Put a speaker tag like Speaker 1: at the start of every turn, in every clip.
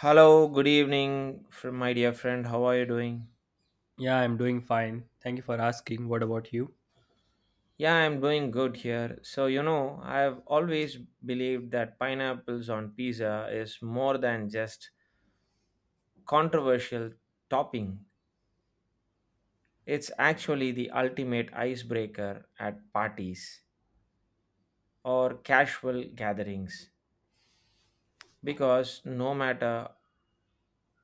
Speaker 1: Hello, good evening, my dear friend. How are you doing?
Speaker 2: Yeah, I'm doing fine. Thank you for asking. What about you?
Speaker 1: Yeah, I'm doing good here. So, I've always believed that pineapples on pizza is more than just controversial topping. It's actually the ultimate icebreaker at parties or casual gatherings because no matter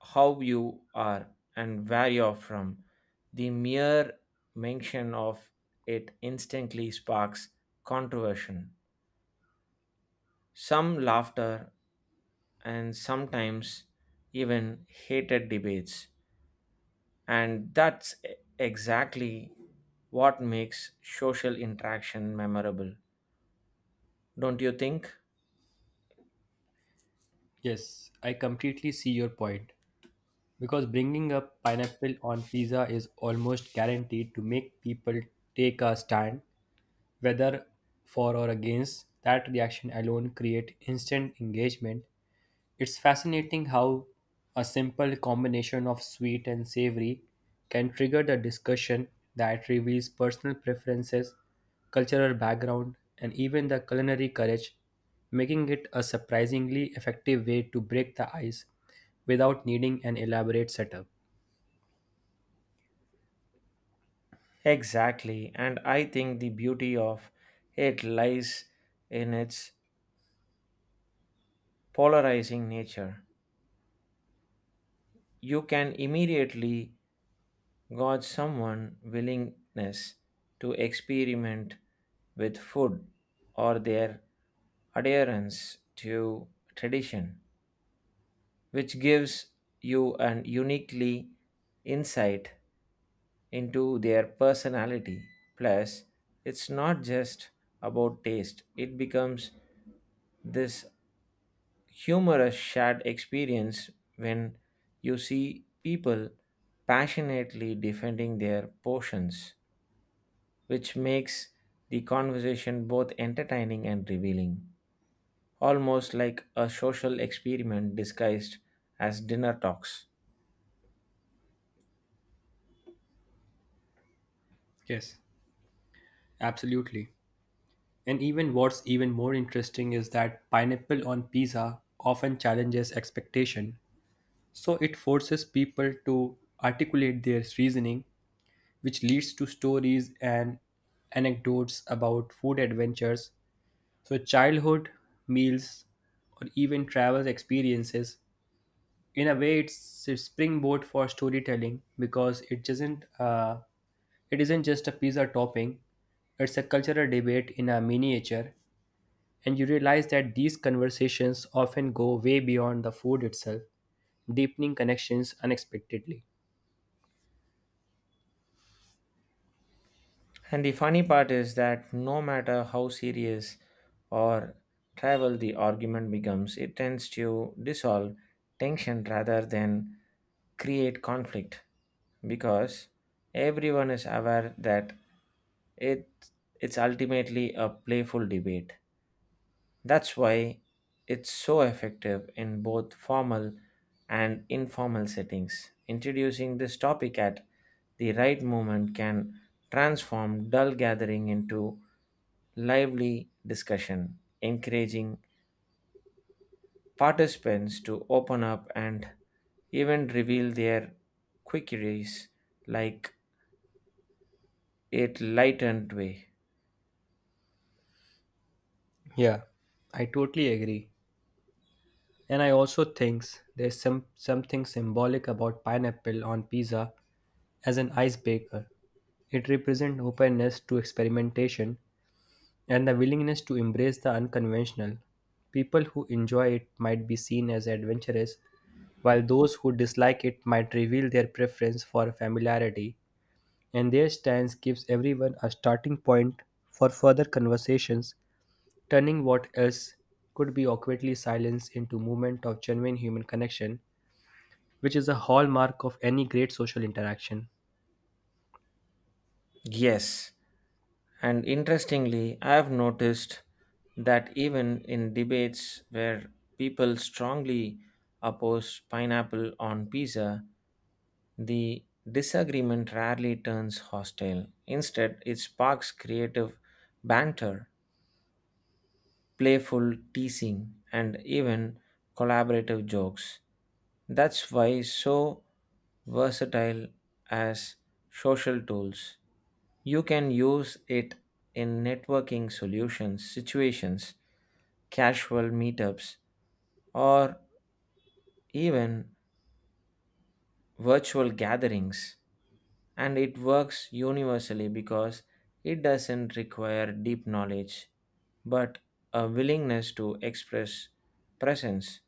Speaker 1: how you are and where you're from, the mere mention of it instantly sparks controversy some laughter, and sometimes even hated debates. And that's exactly what makes social interaction memorable, don't you think?
Speaker 2: Yes, I completely see your point. Because bringing up pineapple on pizza is almost guaranteed to make people take a stand, whether for or against. That reaction alone creates instant engagement. It's fascinating how a simple combination of sweet and savory can trigger the discussion that reveals personal preferences, cultural background, and even the culinary courage, making it a surprisingly effective way to break the ice without needing an elaborate setup.
Speaker 1: Exactly. And I think the beauty of it lies in its polarizing nature. You can immediately got someone willingness to experiment with food or their adherence to tradition, which gives you an uniquely insight into their personality. Plus, it's not just about taste, it becomes this humorous shared experience when you see people passionately defending their portions which makes the conversation both entertaining and revealing, almost like a social experiment disguised as dinner talks.
Speaker 2: Yes, absolutely. And even what's even more interesting is that pineapple on pizza often challenges expectation. So it forces people to articulate their reasoning, which leads to stories and anecdotes about food adventures. So, childhood meals or even travel experiences. In a way, it's a springboard for storytelling because it isn't just a pizza topping. It's a cultural debate in a miniature, and you realize that these conversations often go way beyond the food itself, deepening connections unexpectedly.
Speaker 1: And the funny part is that no matter how serious or trivial the argument becomes, it tends to dissolve tension rather than create conflict because everyone is aware that it it's ultimately a playful debate. That's why it's so effective in both formal and informal settings. Introducing this topic at the right moment can transform dull gathering into lively discussion, encouraging participants to open up and even reveal their queries like a lightened way.
Speaker 2: Yeah, I totally agree. And I also think there's something symbolic about pineapple on pizza as an icebreaker. It represents openness to experimentation and the willingness to embrace the unconventional. People who enjoy it might be seen as adventurous, while those who dislike it might reveal their preference for familiarity, and their stance gives everyone a starting point for further conversations turning what else could be awkwardly silenced into movement of genuine human connection, which is a hallmark of any great social interaction.
Speaker 1: Yes, and interestingly, I have noticed that even in debates where people strongly oppose pineapple on pizza, the disagreement rarely turns hostile. Instead, it sparks creative banter playful teasing, and even collaborative jokes. That's why so versatile as social tools. You can use it in networking solutions, situations, casual meetups, or even virtual gatherings. And it works universally because it doesn't require deep knowledge, but a willingness to express presence,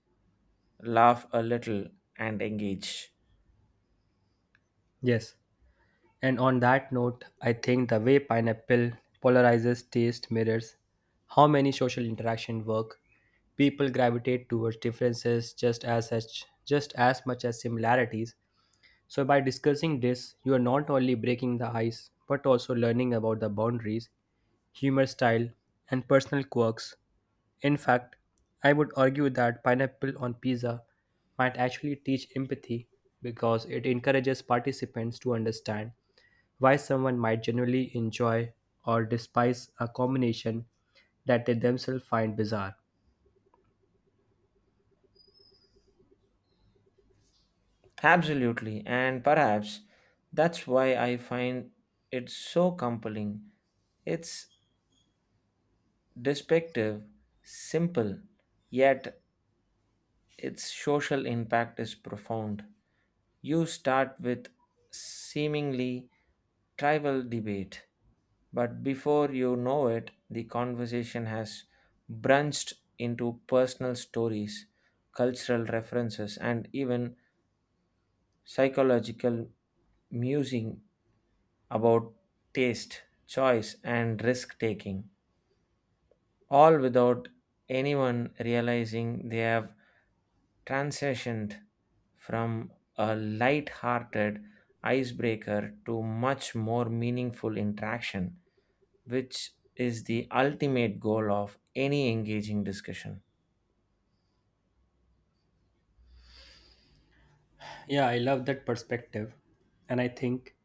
Speaker 1: laugh a little, and engage.
Speaker 2: Yes, and on that note, I think the way pineapple polarizes taste mirrors how many social interaction work. People gravitate towards differences just as much as similarities. So by discussing this, you are not only breaking the ice but also learning about the boundaries humor style, and personal quirks. In fact, I would argue that pineapple on pizza might actually teach empathy because it encourages participants to understand why someone might genuinely enjoy or despise a combination that they themselves find bizarre.
Speaker 1: Absolutely, and perhaps that's why I find it so compelling. It's despective, simple, yet its social impact is profound. You start with seemingly trivial debate, but before you know it, the conversation has branched into personal stories, cultural references, and even psychological musing about taste, choice, and risk taking, all without anyone realizing they have transitioned from a light hearted icebreaker to much more meaningful interaction, which is the ultimate goal of any engaging discussion.
Speaker 2: Yeah, I love that perspective, and I think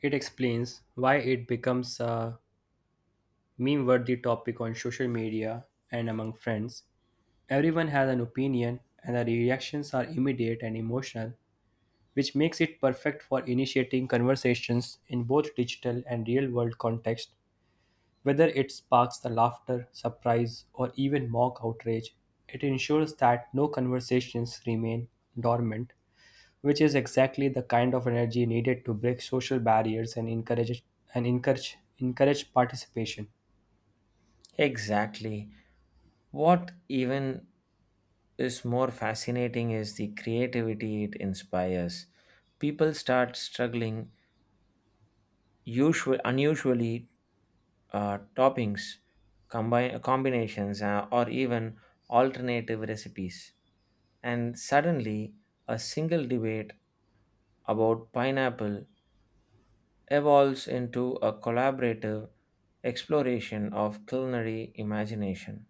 Speaker 2: it explains why it becomes a meme worthy topic on social media and among friends. Everyone has an opinion, and the reactions are immediate and emotional, which makes it perfect for initiating conversations in both digital and real world context. Whether it sparks the laughter, surprise, or even mock outrage, it ensures that no conversations remain dormant, which is exactly the kind of energy needed to break social barriers and encourage participation.
Speaker 1: Exactly. What even is more fascinating is the creativity it inspires. People start struggling usual, unusually toppings, combinations, or even alternative recipes. And suddenly, a single debate about pineapple evolves into a collaborative exploration of culinary imagination.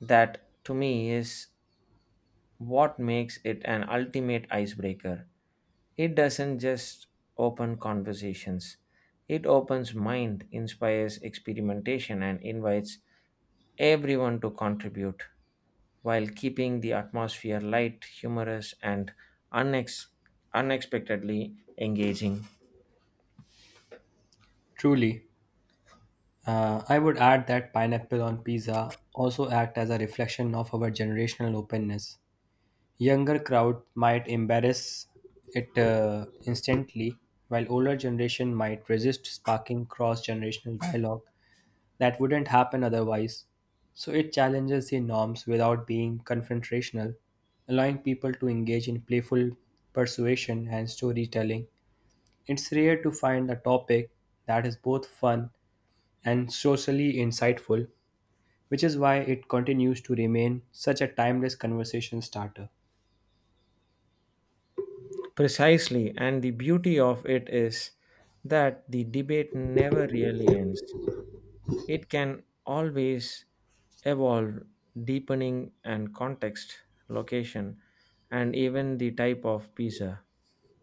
Speaker 1: That, to me, is what makes it an ultimate icebreaker. It doesn't just open conversations. It opens mind, inspires experimentation and invites everyone to contribute while keeping the atmosphere light, humorous and unex- unexpectedly engaging.
Speaker 2: Truly, I would add that pineapple on pizza also act as a reflection of our generational openness. Younger crowd might embrace it instantly, while older generation might resist sparking cross-generational dialogue that wouldn't happen otherwise. So it challenges the norms without being confrontational, allowing people to engage in playful persuasion and storytelling. It's rare to find a topic that is both fun and socially insightful, which is why it continues to remain such a timeless conversation starter.
Speaker 1: Precisely, and the beauty of it is that the debate never really ends. It can always evolve, deepening and context, location, and even the type of pizza.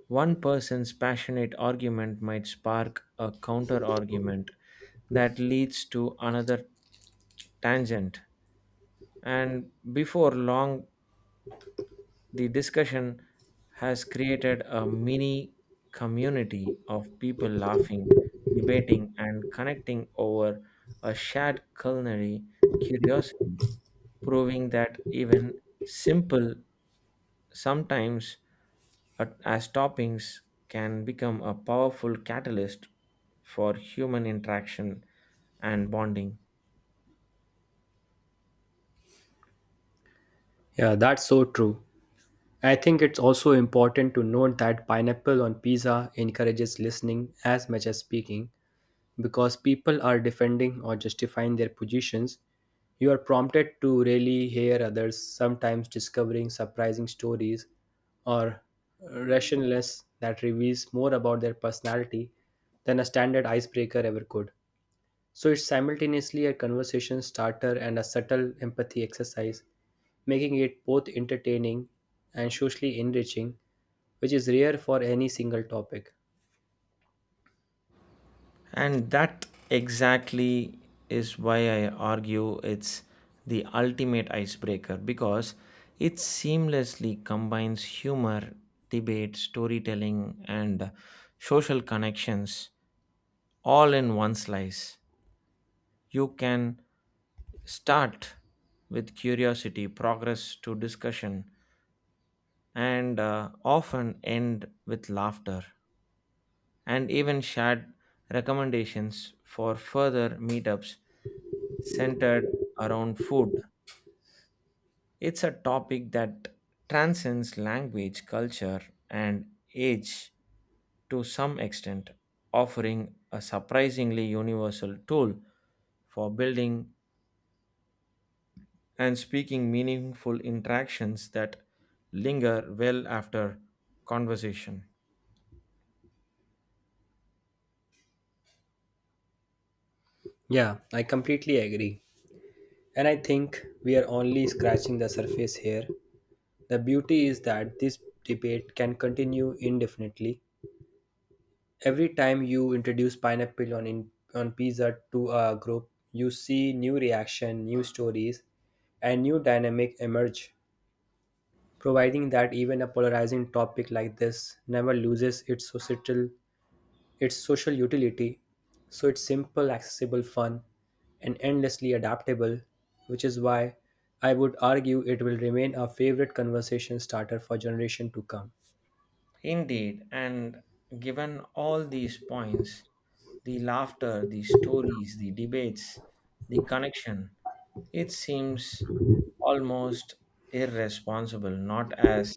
Speaker 1: One person's passionate argument might spark a counter argument that leads to another tangent, and before long, the discussion has created a mini community of people laughing, debating, and connecting over a shared culinary curiosity, proving that even simple, sometimes as toppings, can become a powerful catalyst for human interaction and bonding.
Speaker 2: Yeah, that's so true. I think it's also important to note that pineapple on pizza encourages listening as much as speaking because people are defending or justifying their positions. You are prompted to really hear others, sometimes discovering surprising stories or rationalness that reveals more about their personality than a standard icebreaker ever could. So it's simultaneously a conversation starter and a subtle empathy exercise, making it both entertaining and socially enriching, which is rare for any single topic.
Speaker 1: And that exactly is why I argue it's the ultimate icebreaker because it seamlessly combines humor, debate, storytelling, and social connections all in one slice. You can start with curiosity, progress to discussion, and often end with laughter, and even shared recommendations for further meetups centered around food. It's a topic that transcends language, culture, and age to some extent, offering a surprisingly universal tool for building and speaking meaningful interactions that linger well after conversation.
Speaker 2: Yeah, I completely agree. And I think we are only scratching the surface here. The beauty is that this debate can continue indefinitely. Every time you introduce pineapple on pizza to a group, you see new reaction, new stories, and new dynamic emerge, providing that even a polarizing topic like this never loses its social utility. So it's simple accessible fun and endlessly adaptable, which is why I would argue it will remain a favorite conversation starter for generation to come.
Speaker 1: Indeed, and given all these points, the laughter, the stories, the debates, the connection, it seems almost irresponsible not as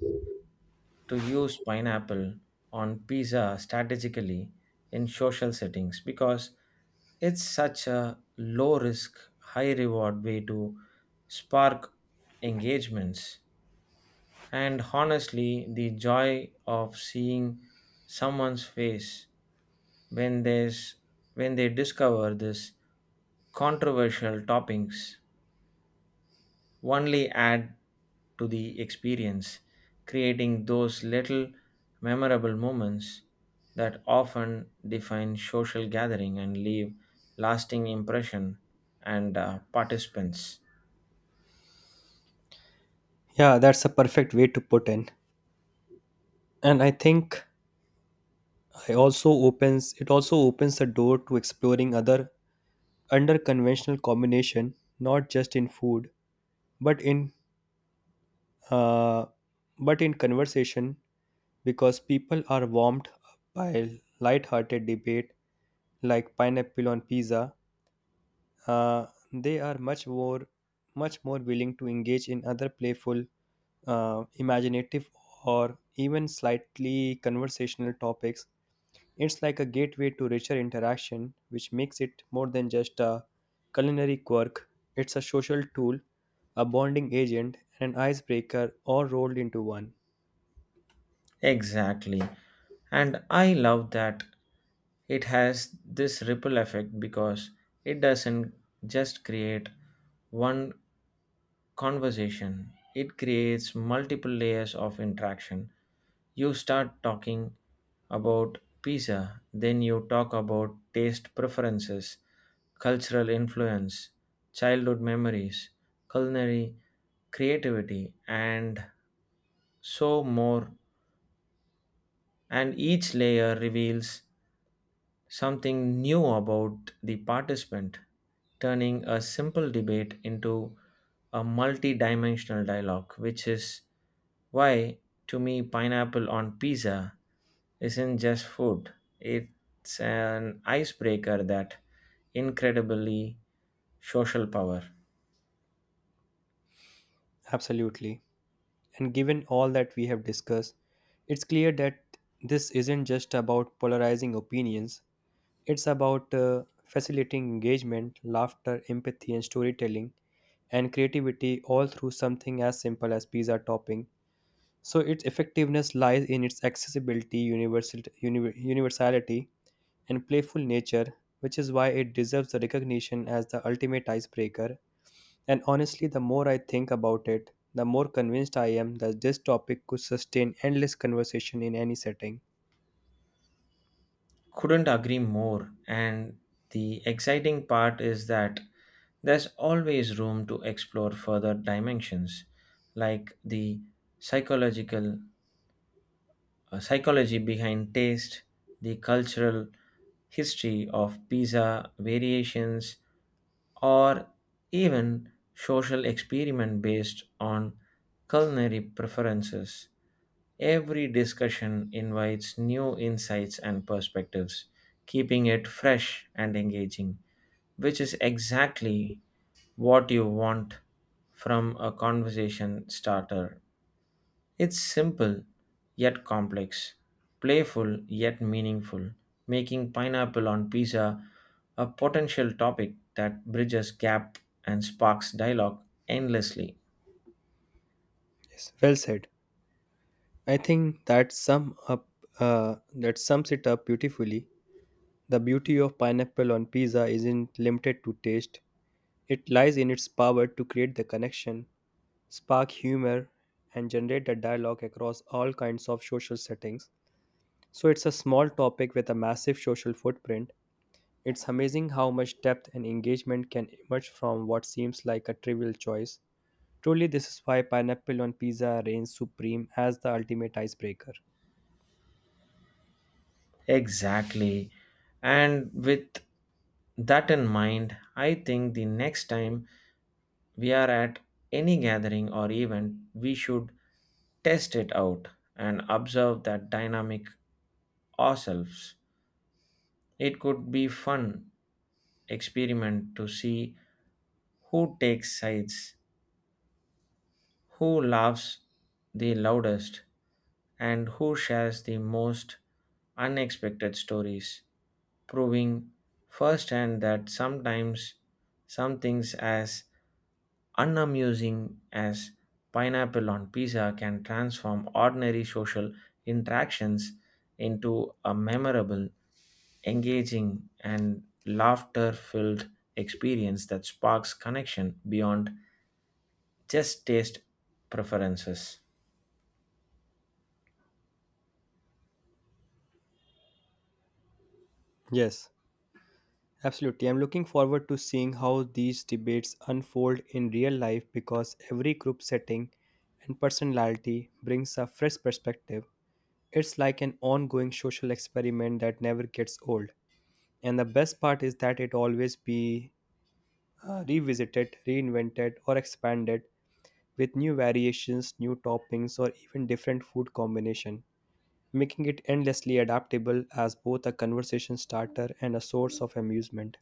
Speaker 1: to use pineapple on pizza strategically in social settings because it's such a low risk, high reward way to spark engagements and honestly, the joy of seeing someone's face when there's when they discover this controversial toppings only add to the experience, creating those little memorable moments that often define social gathering and leave lasting impression and participants.
Speaker 2: Yeah, that's a perfect way to put in. And I think I also opens it also opens the door to exploring other under conventional combination, not just in food, but in uh, but in conversation, because people are warmed up by light-hearted debate like pineapple on pizza, uh, they are much more willing to engage in other playful, imaginative, or even slightly conversational topics. It's like a gateway to richer interaction, which makes it more than just a culinary quirk. It's a social tool, a bonding agent, and an icebreaker all rolled into one.
Speaker 1: Exactly. And I love that it has this ripple effect because it doesn't just create one conversation, it creates multiple layers of interaction. You start talking about pizza, then you talk about taste preferences, cultural influence, childhood memories, culinary creativity, and so more and each layer reveals something new about the participant, turning a simple debate into a multi dimensional dialogue, which is why, to me, pineapple on pizza isn't just food, it's an icebreaker that incredibly social power.
Speaker 2: Absolutely. And given all that we have discussed, it's clear that this isn't just about polarizing opinions, it's about facilitating engagement, laughter, empathy, and storytelling, and creativity all through something as simple as pizza topping. So its effectiveness lies in its accessibility, universality, and playful nature, which is why it deserves the recognition as the ultimate icebreaker. And honestly, the more I think about it, the more convinced I am that this topic could sustain endless conversation in any setting.
Speaker 1: Couldn't agree more, and the exciting part is that there's always room to explore further dimensions, like the psychological psychology behind taste, the cultural history of pizza variations, or even social experiment based on culinary preferences. Every discussion invites new insights and perspectives, keeping it fresh and engaging which is exactly what you want from a conversation starter. It's simple yet complex, playful yet meaningful, making pineapple on pizza a potential topic that bridges gap and sparks dialogue endlessly.
Speaker 2: Yes, well said. I think that sums it up beautifully. The beauty of pineapple on pizza isn't limited to taste, it lies in its power to create the connection, spark humor, and generate a dialogue across all kinds of social settings. So it's a small topic with a massive social footprint. It's amazing how much depth and engagement can emerge from what seems like a trivial choice. Truly, this is why pineapple on pizza reigns supreme as the ultimate icebreaker.
Speaker 1: Exactly. And with that in mind, I think the next time we are at any gathering or event, we should test it out and observe that dynamic ourselves. It could be fun experiment to see who takes sides, who laughs the loudest, and who shares the most unexpected stories, proving firsthand that sometimes some things as unamusing as pineapple on pizza can transform ordinary social interactions into a memorable, engaging, and laughter filled experience that sparks connection beyond just taste preferences.
Speaker 2: Yes. Absolutely. I'm looking forward to seeing how these debates unfold in real life because every group setting and personality brings a fresh perspective. It's like an ongoing social experiment that never gets old. And the best part is that it always be revisited, reinvented or expanded with new variations, new toppings or even different food combination, making it endlessly adaptable as both a conversation starter and a source of amusement.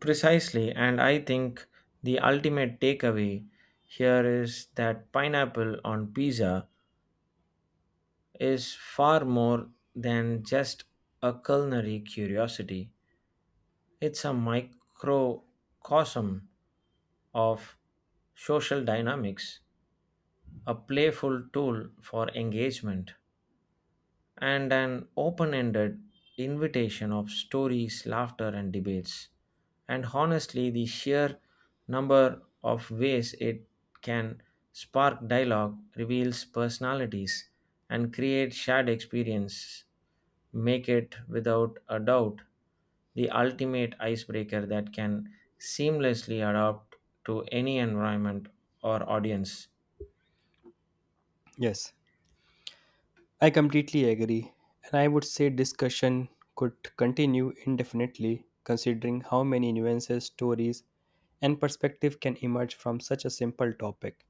Speaker 1: Precisely, and I think the ultimate takeaway here is that pineapple on pizza is far more than just a culinary curiosity. It's a microcosm of social dynamics, a playful tool for engagement, and an open ended invitation of stories, laughter, and debates. And honestly, the sheer number of ways it can spark dialogue, reveals personalities, and create shared experience make it without a doubt the ultimate icebreaker that can seamlessly adapt to any environment or audience.
Speaker 2: Yes. I completely agree, and I would say discussion could continue indefinitely considering how many nuances, stories, and perspective can emerge from such a simple topic.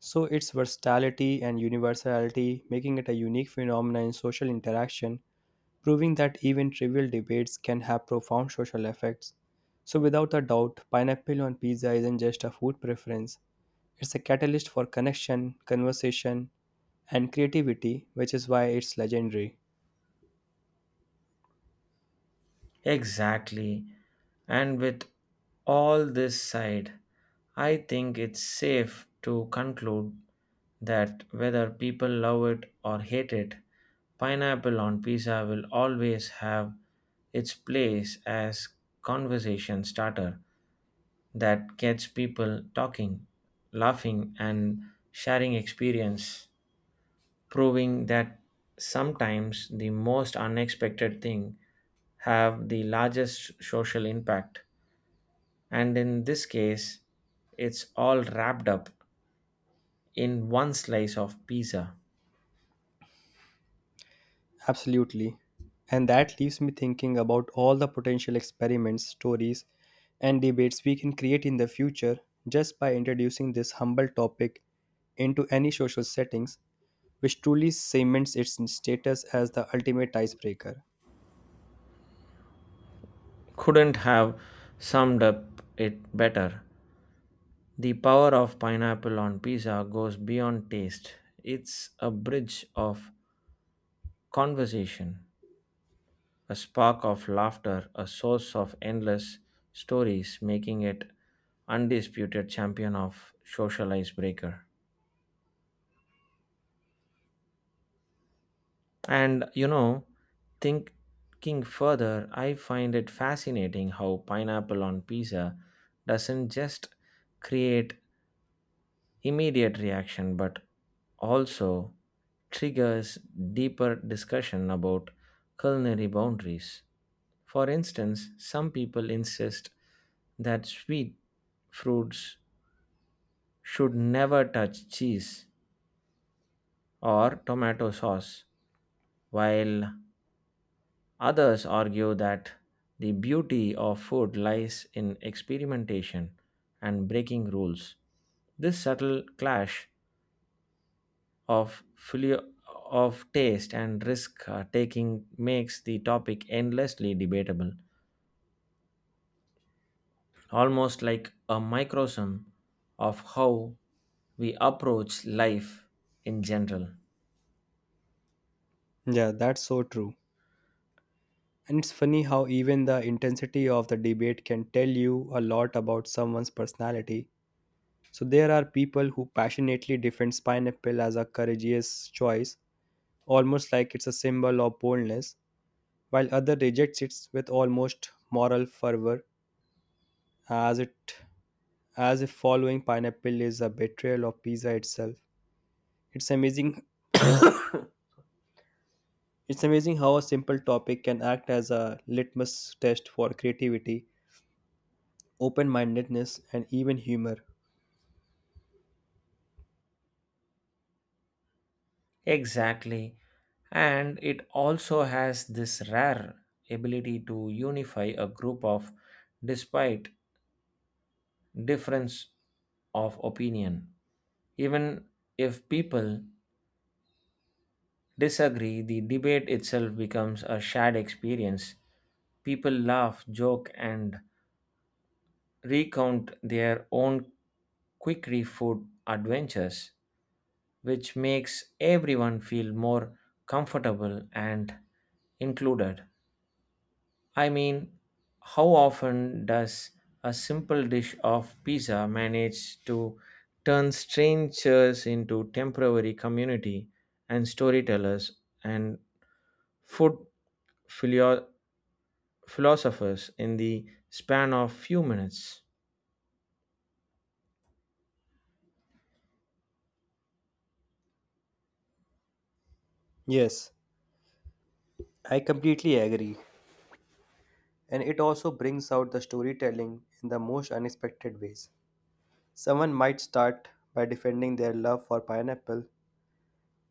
Speaker 2: So, its versatility and universality making it a unique phenomenon in social interaction, proving that even trivial debates can have profound social effects. So, without a doubt, pineapple on pizza isn't just a food preference, it's a catalyst for connection, conversation, and creativity, which is why it's legendary.
Speaker 1: Exactly. And with all this side, I think it's safe to conclude that whether people love it or hate it, pineapple on pizza will always have its place as conversation starter that gets people talking, laughing and sharing experience proving that sometimes the most unexpected thing have the largest social impact and in this case it's all wrapped up in one slice of pizza.
Speaker 2: Absolutely. And that leaves me thinking about all the potential experiments, stories, and debates we can create in the future just by introducing this humble topic into any social settings, which truly cements its status as the ultimate icebreaker.
Speaker 1: Couldn't have summed up it better. The power of pineapple on pizza goes beyond taste. It's a bridge of conversation, a spark of laughter, a source of endless stories, making it undisputed champion of social icebreaker. And you know, thinking further, I find it fascinating how pineapple on pizza doesn't just create immediate reaction but also triggers deeper discussion about culinary boundaries. For instance, some people insist that sweet fruits should never touch cheese or tomato sauce, while others argue that the beauty of food lies in experimentation and breaking rules. This subtle clash of fully of taste and risk taking makes the topic endlessly debatable almost like a microcosm of how we approach life in general.
Speaker 2: Yeah, that's so true. And it's funny how even the intensity of the debate can tell you a lot about someone's personality. So there are people who passionately defend pineapple as a courageous choice almost like it's a symbol of boldness, while other rejects it with almost moral fervor, as it as if following pineapple is a betrayal of pizza itself. It's amazing it's amazing how a simple topic can act as a litmus test for creativity, open mindedness, and even humor.
Speaker 1: Exactly, and it also has this rare ability to unify a group of despite difference of opinion even if people disagree, the debate itself becomes a shared experience. People laugh, joke, and recount their own quickie food adventures, which makes everyone feel more comfortable and included. I mean, how often does a simple dish of pizza manage to turn strangers into temporary community and storytellers and food philo- philosophers in the span of few minutes.
Speaker 2: Yes, I completely agree. And it also brings out the storytelling in the most unexpected ways. Someone might start by defending their love for pineapple,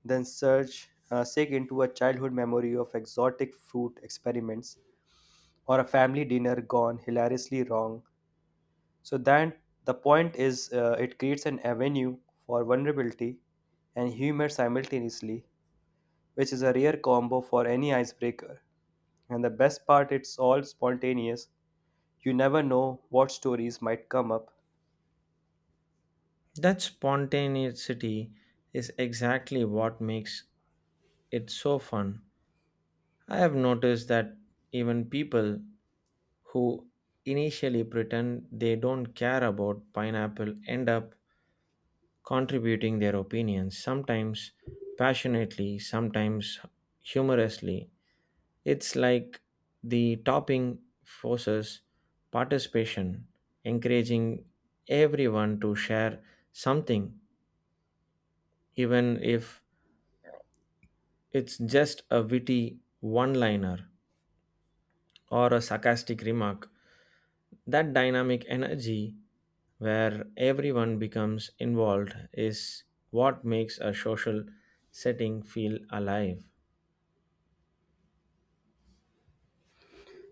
Speaker 2: then sink into a childhood memory of exotic fruit experiments or a family dinner gone hilariously wrong. So then the point is, it creates an avenue for vulnerability and humor simultaneously, which is a rare combo for any icebreaker. And the best part, it's all spontaneous. You never know what stories might come up.
Speaker 1: That spontaneity is exactly what makes it so fun. I have noticed that even people who initially pretend they don't care about pineapple end up contributing their opinions, sometimes passionately, sometimes humorously. It's like the topping forces participation, encouraging everyone to share something, even if it's just a witty one liner or a sarcastic remark. That dynamic energy where everyone becomes involved is what makes a social setting feel alive.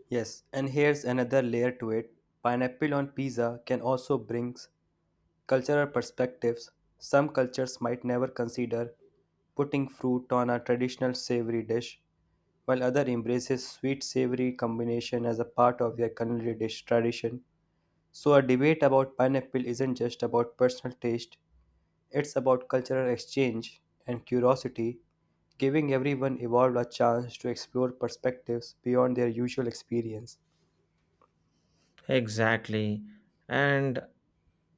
Speaker 2: Yes, and here's another layer to it. Pineapple on pizza can also brings cultural perspectives, some cultures might never consider putting fruit on a traditional savory dish, while other embraces sweet savory combination as a part of their culinary dish tradition. So a debate about pineapple isn't just about personal taste, it's about cultural exchange and curiosity, giving everyone involved a chance to explore perspectives beyond their usual experience.
Speaker 1: Exactly. And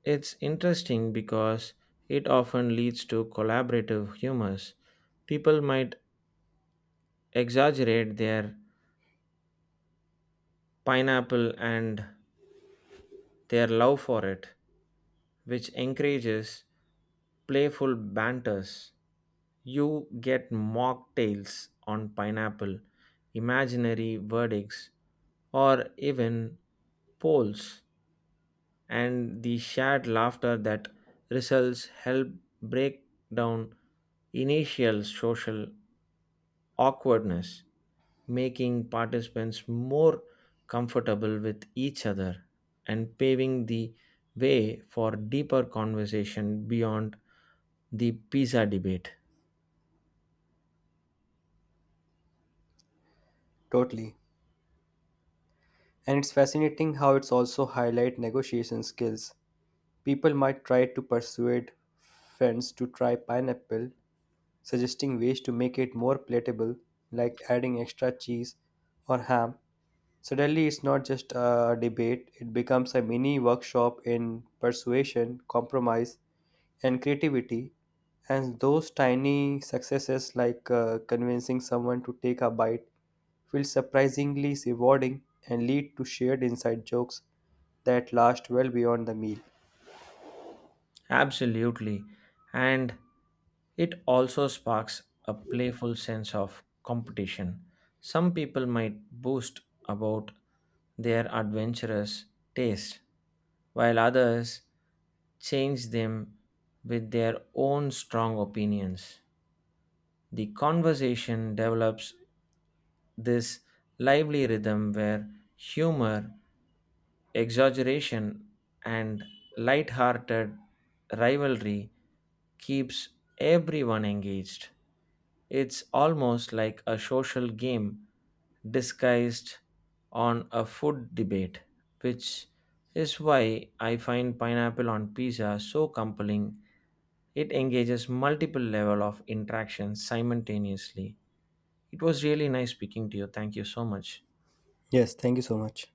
Speaker 1: it's interesting because it often leads to collaborative humors. People might exaggerate their pineapple and their love for it, which encourages playful banters. You get mock tales on pineapple, imaginary verdicts, or even polls, and the shared laughter that results help break down initial social awkwardness, making participants more comfortable with each other and paving the way for deeper conversation beyond the pizza debate.
Speaker 2: Totally. And it's fascinating how it's also highlight negotiation skills. People might try to persuade friends to try pineapple, suggesting ways to make it more palatable, like adding extra cheese or ham. Suddenly, it's not just a debate, it becomes a mini workshop in persuasion, compromise, and creativity. And those tiny successes, like convincing someone to take a bite, feel surprisingly rewarding and lead to shared inside jokes that last well beyond the meal.
Speaker 1: Absolutely. And it also sparks a playful sense of competition. Some people might boast about their adventurous taste, while others change them with their own strong opinions. The conversation develops this lively rhythm where humor, exaggeration, and light-hearted rivalry keeps everyone engaged. It's almost like a social game disguised on a food debate, which is why I find pineapple on pizza so compelling. It engages multiple level of interactions simultaneously. It was really nice speaking to you. Thank you so much.
Speaker 2: Yes, thank you so much.